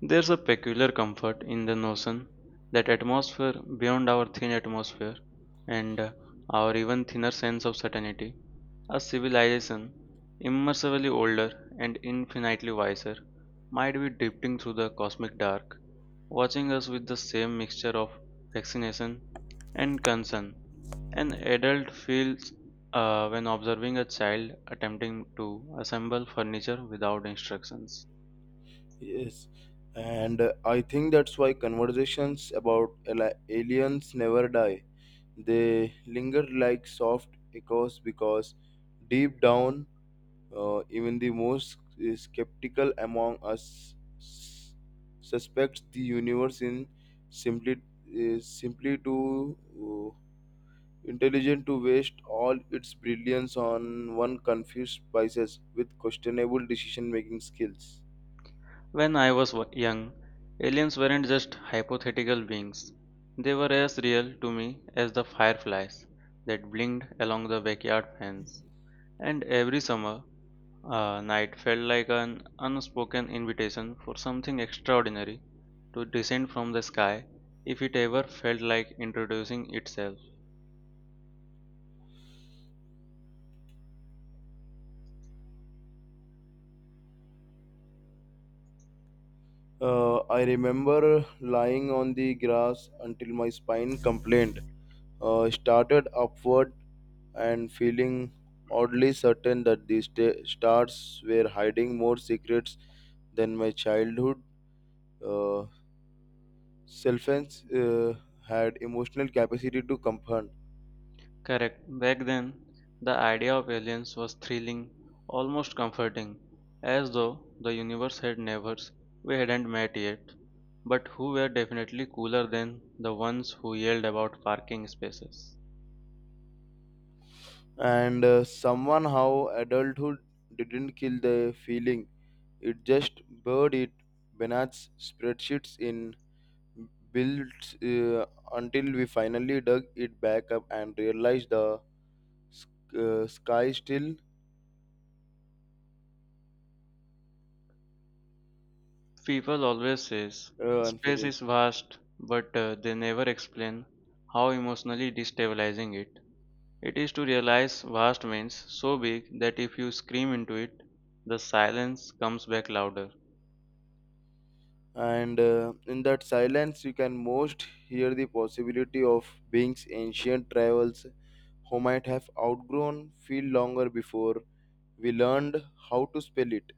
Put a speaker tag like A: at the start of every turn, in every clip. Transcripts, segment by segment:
A: There's a peculiar comfort in the notion that atmosphere beyond our thin atmosphere and our even thinner sense of certainty, a civilization immeasurably older and infinitely wiser, might be drifting through the cosmic dark, watching us with the same mixture of fascination and concern an adult feels when observing a child attempting to assemble furniture without instructions.
B: Yes, and I think that's why conversations about aliens never die. They linger like soft echoes because deep down, even the most skeptical among us suspects the universe in simply too uh, intelligent to waste all its brilliance on one confused Pisces with questionable decision-making skills.
A: When I was young, aliens weren't just hypothetical beings. They were as real to me as the fireflies that blinked along the backyard fence. And every summer night felt like an unspoken invitation for something extraordinary to descend from the sky if it ever felt like introducing itself.
B: I remember lying on the grass until my spine complained, started upward, and feeling oddly certain that the stars were hiding more secrets than my childhood uh, self had emotional capacity to comprehend.
A: Correct. Back then, the idea of aliens was thrilling, almost comforting, as though the universe had neighbors we hadn't met yet, but who were definitely cooler than the ones who yelled about parking spaces.
B: And someone how adulthood didn't kill the feeling, it just buried it, beneath spreadsheets in Built until we finally dug it back up and realized the sky still
A: People always says space is
B: unfinished.
A: vast, but they never explain how emotionally destabilizing it. It is to realize vast means so big that if you scream into it, the silence comes back louder.
B: And in that silence, you can most hear the possibility of beings ancient travels who might have outgrown feel longer before we learned how to spell it.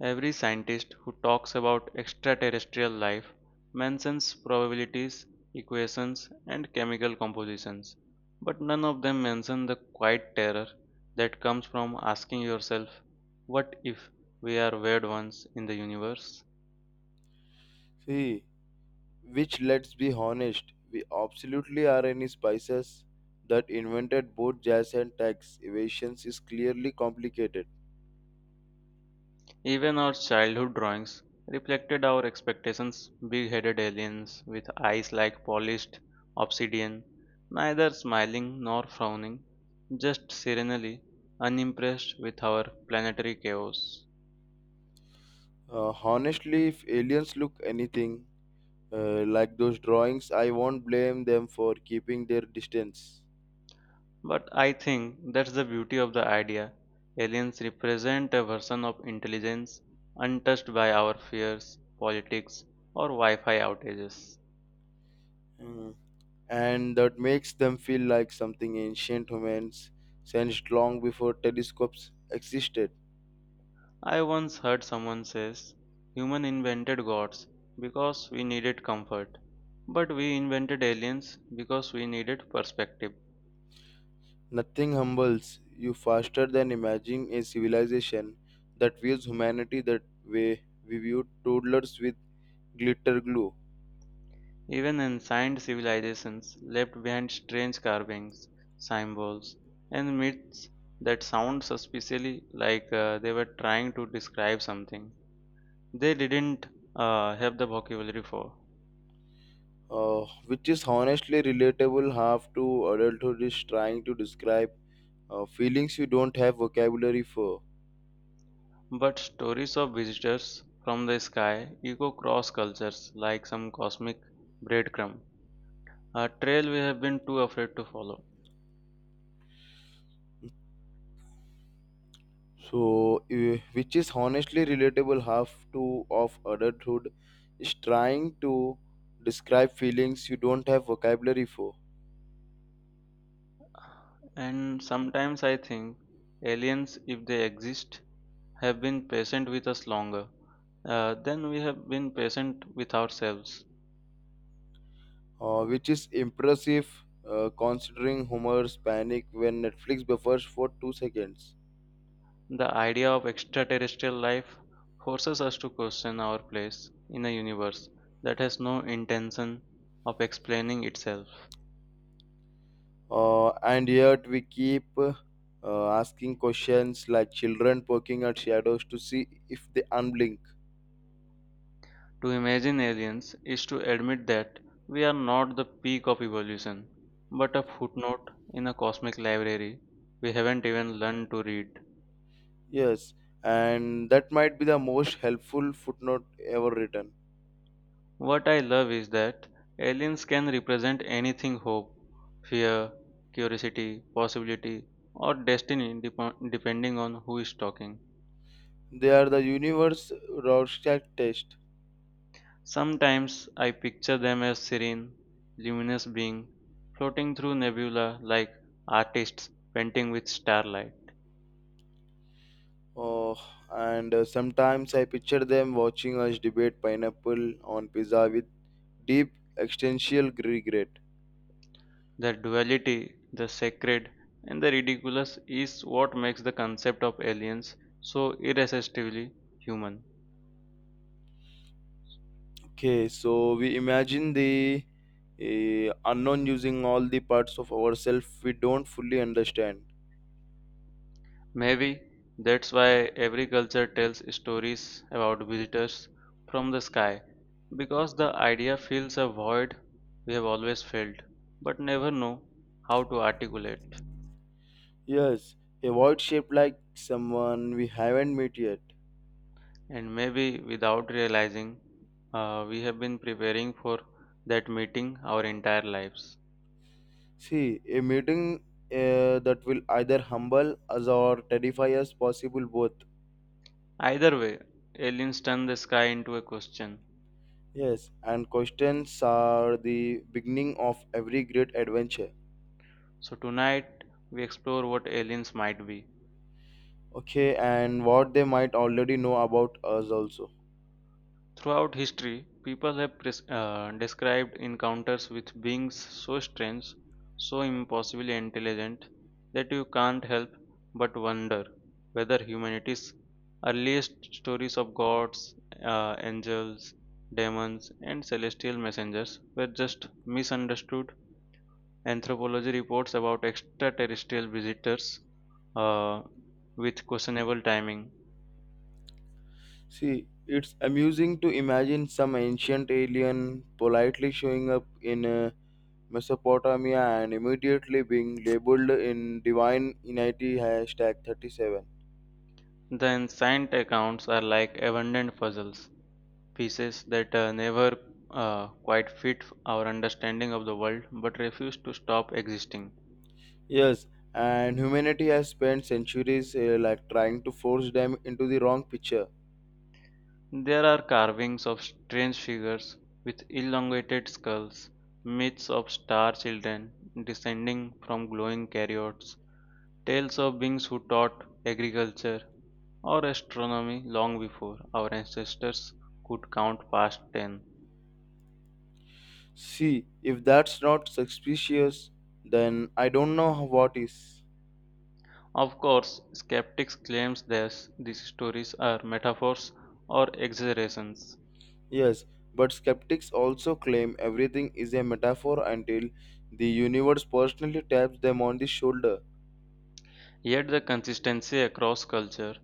A: Every scientist who talks about extraterrestrial life mentions probabilities, equations, and chemical compositions, but none of them mention the quiet terror that comes from asking yourself, what if we are weird ones in the universe?
B: See, which let's be honest, we absolutely are any spices that invented both jazz and tax evasions is clearly complicated.
A: Even our childhood drawings reflected our expectations big headed aliens with eyes like polished obsidian, neither smiling nor frowning, just serenely unimpressed with our planetary chaos.
B: Honestly, if aliens look anything like those drawings, I won't blame them for keeping their distance.
A: But I think that's the beauty of the idea. Aliens represent a version of intelligence untouched by our fears, politics, or Wi Fi outages.
B: Mm. And that makes them feel like something ancient humans sensed long before telescopes existed.
A: I once heard someone says human invented gods because we needed comfort, but we invented aliens because we needed perspective.
B: Nothing humbles you faster than imagining a civilization that views humanity that way we viewed toddlers with glitter glue.
A: Even ancient civilizations left behind strange carvings, symbols, and myths that sound suspiciously like they were trying to describe something they didn't have the vocabulary for.
B: Which is honestly relatable half to adulthood is trying to describe feelings you don't have vocabulary for.
A: But stories of visitors from the sky echo cross cultures like some cosmic breadcrumb, a trail we have been too afraid to follow.
B: So which is honestly relatable half to of adulthood is trying to describe feelings you don't have vocabulary for.
A: And sometimes I think aliens, if they exist, have been patient with us longer than we have been patient with ourselves.
B: Which is impressive considering Homer's panic when netflix buffers for 2 seconds.
A: The idea of extraterrestrial life forces us to question our place in a universe that has no intention of explaining itself.
B: And yet we keep asking questions like children poking at shadows to see if they unblink.
A: To imagine aliens is to admit that we are not the peak of evolution, but a footnote in a cosmic library we haven't even learned to read.
B: Yes, and that might be the most helpful footnote ever written.
A: What I love is that aliens can represent anything hope, fear, curiosity, possibility, or destiny depending on who is talking.
B: They are the universe Rorschach test.
A: Sometimes I picture them as serene, luminous beings floating through nebula like artists painting with starlight.
B: Oh, and sometimes I picture them watching us debate pineapple on pizza with deep existential regret.
A: The duality, the sacred, and the ridiculous is what makes the concept of aliens so irresistibly human.
B: Okay, so we imagine the unknown using all the parts of ourselves we don't fully understand.
A: Maybe that's why every culture tells stories about visitors from the sky, because the idea fills a void we have always felt but never know how to articulate.
B: Yes, a void shaped like someone we haven't met yet.
A: And maybe without realizing, we have been preparing for that meeting our entire lives.
B: See, a meeting that will either humble us or terrify us, possible both.
A: Either way, aliens turn the sky into a question.
B: Yes, and questions are the beginning of every great adventure.
A: So tonight we explore what aliens might be.
B: Okay, and what they might already know about us also.
A: Throughout history, people have described encounters with beings so strange, so impossibly intelligent that you can't help but wonder whether humanity's earliest stories of gods, angels, demons, and celestial messengers were just misunderstood Anthropology reports about extraterrestrial visitors uh, with questionable timing.
B: See, it's amusing to imagine some ancient alien politely showing up in Mesopotamia and immediately being labeled in divine inity hashtag 37.
A: The ancient accounts are like abandoned puzzles, pieces that never quite fit our understanding of the world but refuse to stop existing.
B: Yes, and humanity has spent centuries like trying to force them into the wrong picture.
A: There are carvings of strange figures with elongated skulls, myths of star children descending from glowing carriots, tales of beings who taught agriculture or astronomy long before our ancestors could count past 10.
B: See, if that's not suspicious, then I don't know what is.
A: Of course, skeptics claim that these stories are metaphors or exaggerations.
B: Yes, but skeptics also claim everything is a metaphor until the universe personally taps them on the shoulder.
A: Yet the consistency across culture,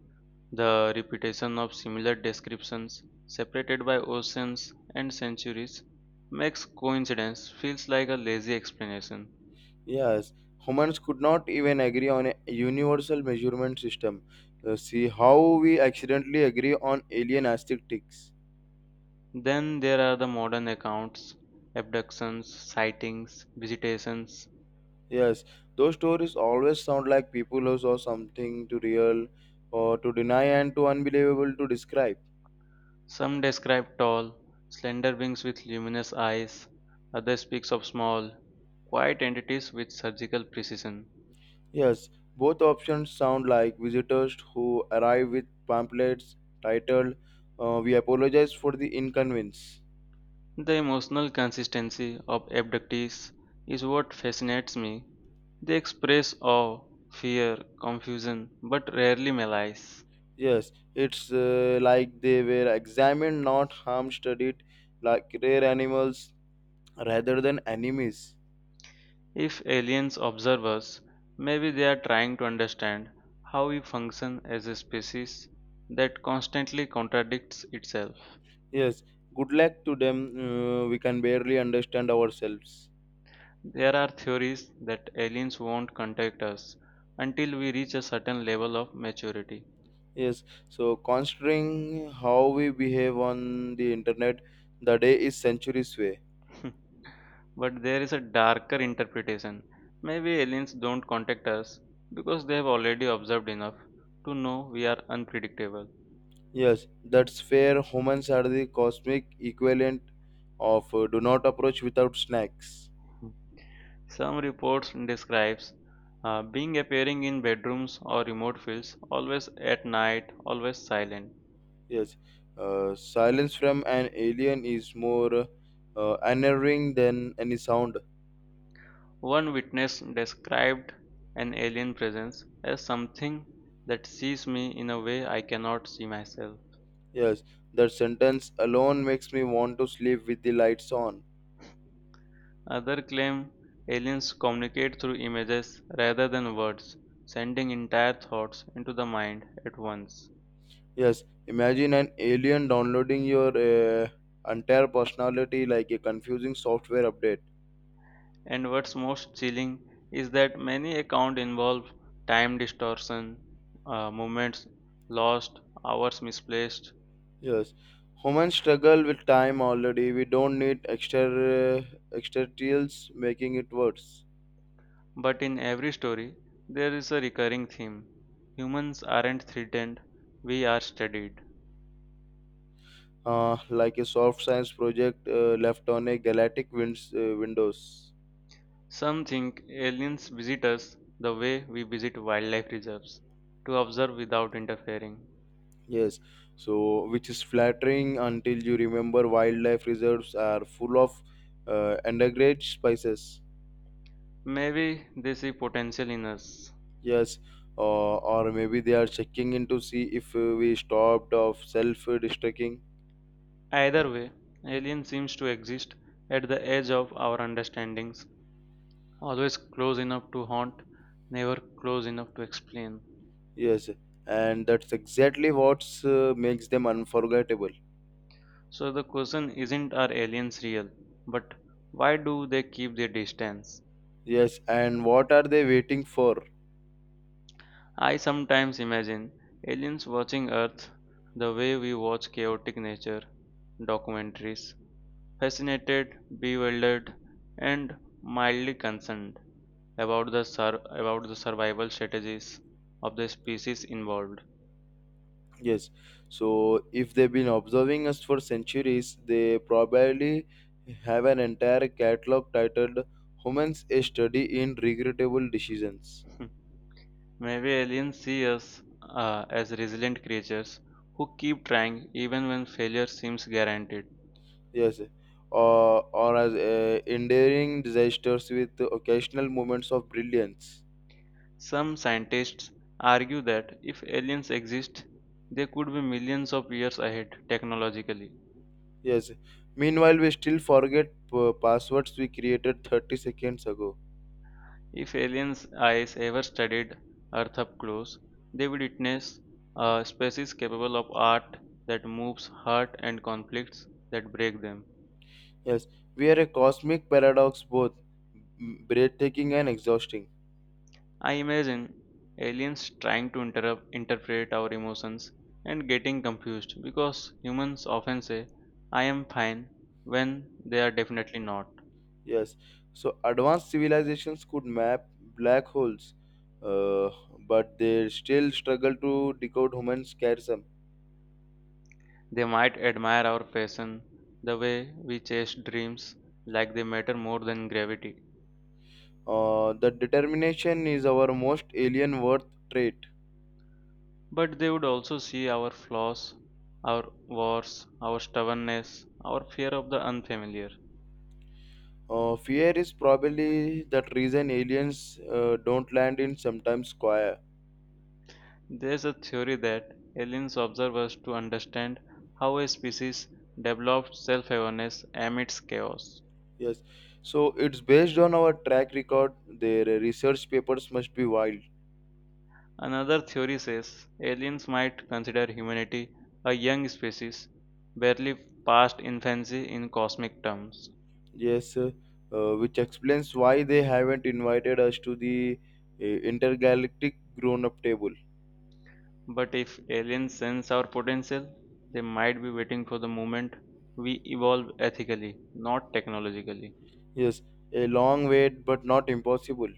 A: the repetition of similar descriptions separated by oceans and centuries makes coincidence feels like a lazy explanation.
B: Yes, humans could not even agree on a universal measurement system. See how we accidentally agree on alien aesthetics.
A: Then there are the modern accounts, abductions, sightings, visitations.
B: Yes, those stories always sound like people who saw something too real or too deny and too unbelievable to describe.
A: Some describe tall, slender beings with luminous eyes. Others speaks of small, quiet entities with surgical precision.
B: Yes, both options sound like visitors who arrive with pamphlets titled, we apologize for the inconvenience.
A: The emotional consistency of abductees is what fascinates me. They express awe, fear, confusion, but rarely malice.
B: Yes, it's like they were examined, not harm studied, like rare animals rather than enemies.
A: If aliens observe us, maybe they are trying to understand how we function as a species that constantly contradicts itself.
B: Yes, good luck to them, we can barely understand ourselves.
A: There are theories that aliens won't contact us until we reach a certain level of maturity.
B: Yes, so considering how we behave on the internet, the day is centuries away.
A: But there is a darker interpretation. Maybe aliens don't contact us because they have already observed enough to know we are unpredictable.
B: Yes, that's fair. Humans are the cosmic equivalent of do not approach without snacks.
A: Some reports describes being appearing in bedrooms or remote fields, always at night, always silent.
B: Yes, silence from an alien is more unnerving than any sound.
A: One witness described an alien presence as something that sees me in a way I cannot see myself.
B: Yes, that sentence alone makes me want to sleep with the lights on.
A: Others claim aliens communicate through images rather than words, sending entire thoughts into the mind at once.
B: Yes, imagine an alien downloading your entire personality like a confusing software update.
A: And what's most chilling is that many accounts involve time distortion, moments lost, hours misplaced.
B: Yes, humans struggle with time already. We don't need extraterrestrials making it worse.
A: But in every story, there is a recurring theme. Humans aren't threatened, we are studied.
B: Like a soft science project left on a galactic winds, windows.
A: Some think aliens visit us the way we visit wildlife reserves, to observe without interfering.
B: Yes, so which is flattering until you remember wildlife reserves are full of endangered spices.
A: Maybe they see potential in us.
B: Yes, or maybe they are checking in to see if we stopped of self-destructing.
A: Either way, alien seems to exist at the edge of our understandings, always close enough to haunt, never close enough to explain.
B: Yes, and that's exactly what's makes them unforgettable.
A: So the question isn't are aliens real, but why do they keep their distance?
B: Yes, and what are they waiting for?
A: I sometimes imagine aliens watching Earth the way we watch chaotic nature documentaries, fascinated, bewildered, and mildly concerned about the survival strategies of the species involved.
B: Yes, so if they've been observing us for centuries, they probably have an entire catalog titled "Humans: A Study in Regrettable Decisions."
A: Maybe aliens see us as resilient creatures who keep trying even when failure seems guaranteed.
B: Yes, or as enduring disasters with occasional moments of brilliance.
A: Some scientists argue that if aliens exist, they could be millions of years ahead technologically.
B: Yes. Meanwhile, we still forget passwords we created 30 seconds ago.
A: If aliens' eyes ever studied Earth up close, they would witness a species capable of art that moves heart and conflicts that break them.
B: Yes, we are a cosmic paradox, both breathtaking and exhausting.
A: I imagine aliens trying to interpret our emotions and getting confused because humans often say, I am fine, when they are definitely not.
B: Yes, so advanced civilizations could map black holes, uh, but they still struggle to decode human scarsum.
A: They might admire our passion, the way we chase dreams like they matter more than gravity.
B: The determination is our most alien worth trait.
A: But they would also see our flaws, our wars, our stubbornness, our fear of the unfamiliar.
B: Fear is probably that reason aliens don't land in sometimes square.
A: There's a theory that aliens observe us to understand how a species developed self awareness amidst chaos.
B: Yes, so it's based on our track record. Their research papers must be wild.
A: Another theory says aliens might consider humanity a young species, barely past infancy in cosmic terms.
B: Yes, which explains why they haven't invited us to the intergalactic grown up table.
A: But if aliens sense our potential, they might be waiting for the moment we evolve ethically, not technologically.
B: Yes, a long wait, but not impossible.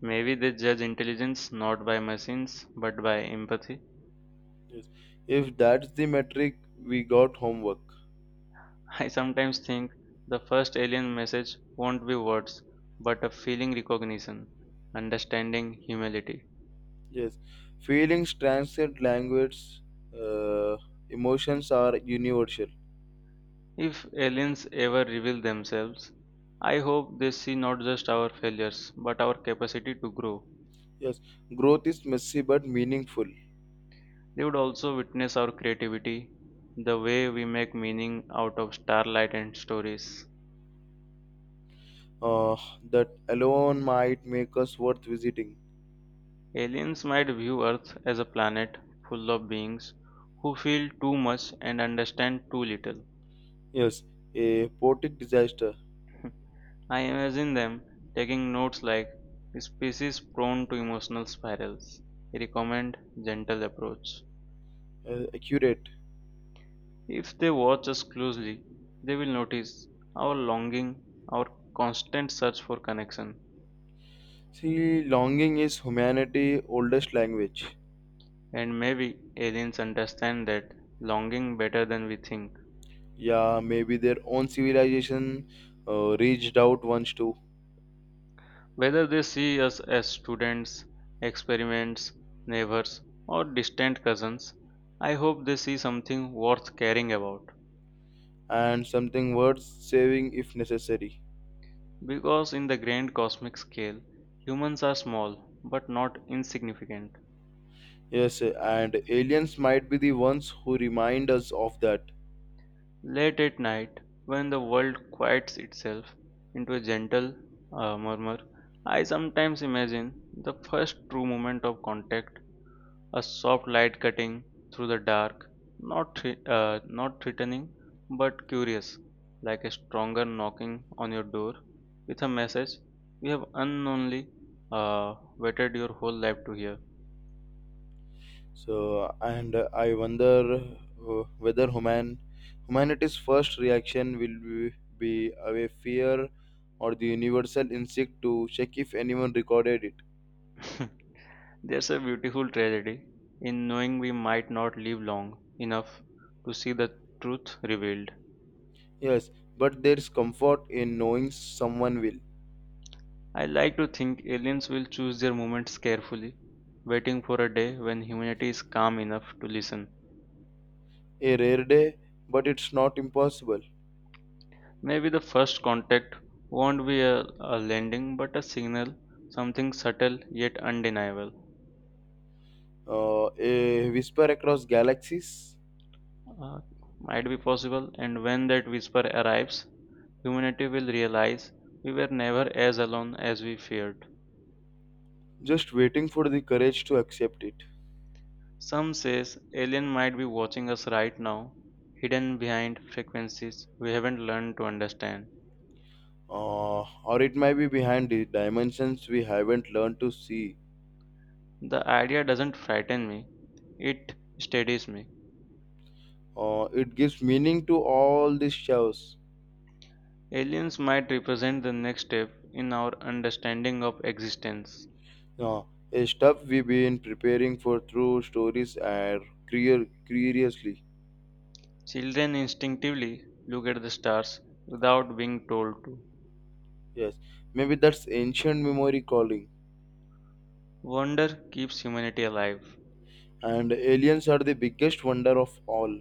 A: Maybe they judge intelligence not by machines but by empathy.
B: Yes, if that's the metric, we got homework.
A: I sometimes think the first alien message won't be words but a feeling recognition, understanding, humility.
B: Yes, feelings transcend language, uh, emotions are universal.
A: If aliens ever reveal themselves, I hope they see not just our failures but our capacity to grow.
B: Yes, growth is messy but meaningful.
A: They would also witness our creativity, the way we make meaning out of starlight and stories.
B: Uh, that alone might make us worth visiting.
A: Aliens might view Earth as a planet full of beings who feel too much and understand too little.
B: Yes, a poetic disaster.
A: I imagine them taking notes like species prone to emotional spirals. Recommend gentle approach.
B: Accurate.
A: If they watch us closely, they will notice our longing, our constant search for connection.
B: See, longing is humanity's oldest language.
A: And maybe aliens understand that longing better than we think.
B: Yeah, maybe their own civilization reached out once too,
A: Whether they see us as students, experiments, neighbors, or distant cousins, I hope they see something worth caring about.
B: and something worth saving if necessary.
A: Because in the grand cosmic scale, humans are small but not insignificant.
B: Yes, and aliens might be the ones who remind us of that.
A: Late at night, when the world quiets itself into a gentle murmur, I sometimes imagine the first true moment of contact. A soft light cutting through the dark, not threatening but curious, like a stronger knocking on your door with a message you have unknowingly waited your whole life to hear.
B: So, and I wonder whether humanity's first reaction will be away fear or the universal instinct to check if anyone recorded it.
A: There's a beautiful tragedy in knowing we might not live long enough to see the truth revealed.
B: Yes, but there's comfort in knowing someone will.
A: I like to think aliens will choose their moments carefully, waiting for a day when humanity is calm enough to listen.
B: A rare day, but it's not impossible.
A: Maybe the first contact won't be a landing but a signal, something subtle yet undeniable.
B: A whisper across galaxies,
A: Uh, might be possible, and when that whisper arrives, humanity will realize we were never as alone as we feared.
B: just waiting for the courage to accept it.
A: Some says alien might be watching us right now, hidden behind frequencies we haven't learned to understand.
B: Or it might be behind the dimensions we haven't learned to see.
A: The idea doesn't frighten me, it steadies me.
B: It gives meaning to all these shows.
A: Aliens might represent the next step in our understanding of existence.
B: Uh, a stuff we've been preparing for through stories and curiously.
A: Children instinctively look at the stars without being told to.
B: Yes, maybe that's ancient memory calling.
A: Wonder keeps humanity alive.
B: And aliens are the biggest wonder of all.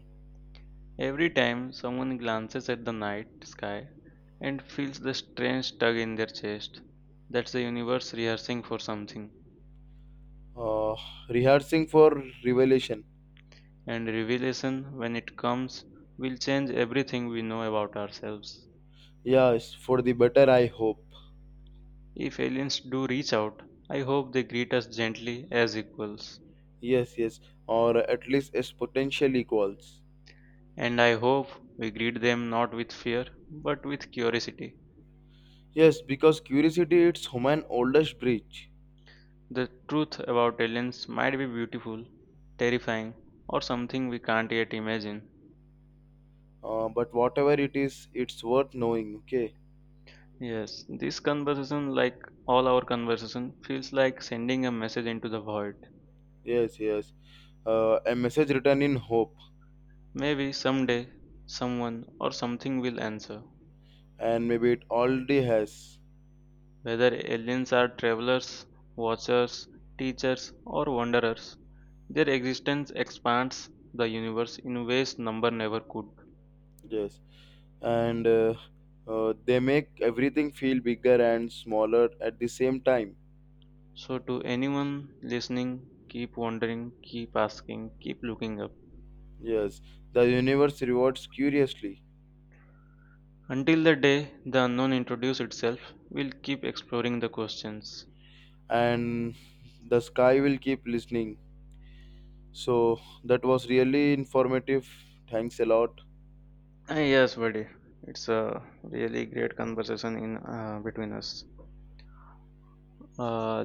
A: Every time someone glances at the night sky and feels the strange tug in their chest, that's the universe rehearsing for something.
B: Uh, rehearsing for revelation.
A: And revelation, when it comes, will change everything we know about ourselves.
B: Yes, for the better, I hope.
A: If aliens do reach out, I hope they greet us gently as equals.
B: Yes, or at least as potential equals.
A: And I hope we greet them not with fear, but with curiosity.
B: Yes, because curiosity it's human oldest bridge.
A: The truth about aliens might be beautiful, terrifying, or something we can't yet imagine.
B: But whatever it is, it's worth knowing. Okay.
A: Yes, this conversation, like all our conversation, feels like sending a message into the void.
B: Yes, yes. A message written in hope,
A: Maybe someday someone or something will answer.
B: and maybe it already has.
A: Whether aliens are travelers, watchers, teachers, or wanderers, their existence expands the universe in ways number never could.
B: Yes, and they make everything feel bigger and smaller at the same time.
A: So, to anyone listening, keep wondering, keep asking, keep looking up.
B: Yes, the universe rewards curiously,
A: Until the day the unknown introduces itself, we'll keep exploring the questions.
B: and the sky will keep listening. So that was really informative. Thanks a lot.
A: Ah, yes, buddy. It's a really
B: Okay.
A: great conversation in between us. Uh,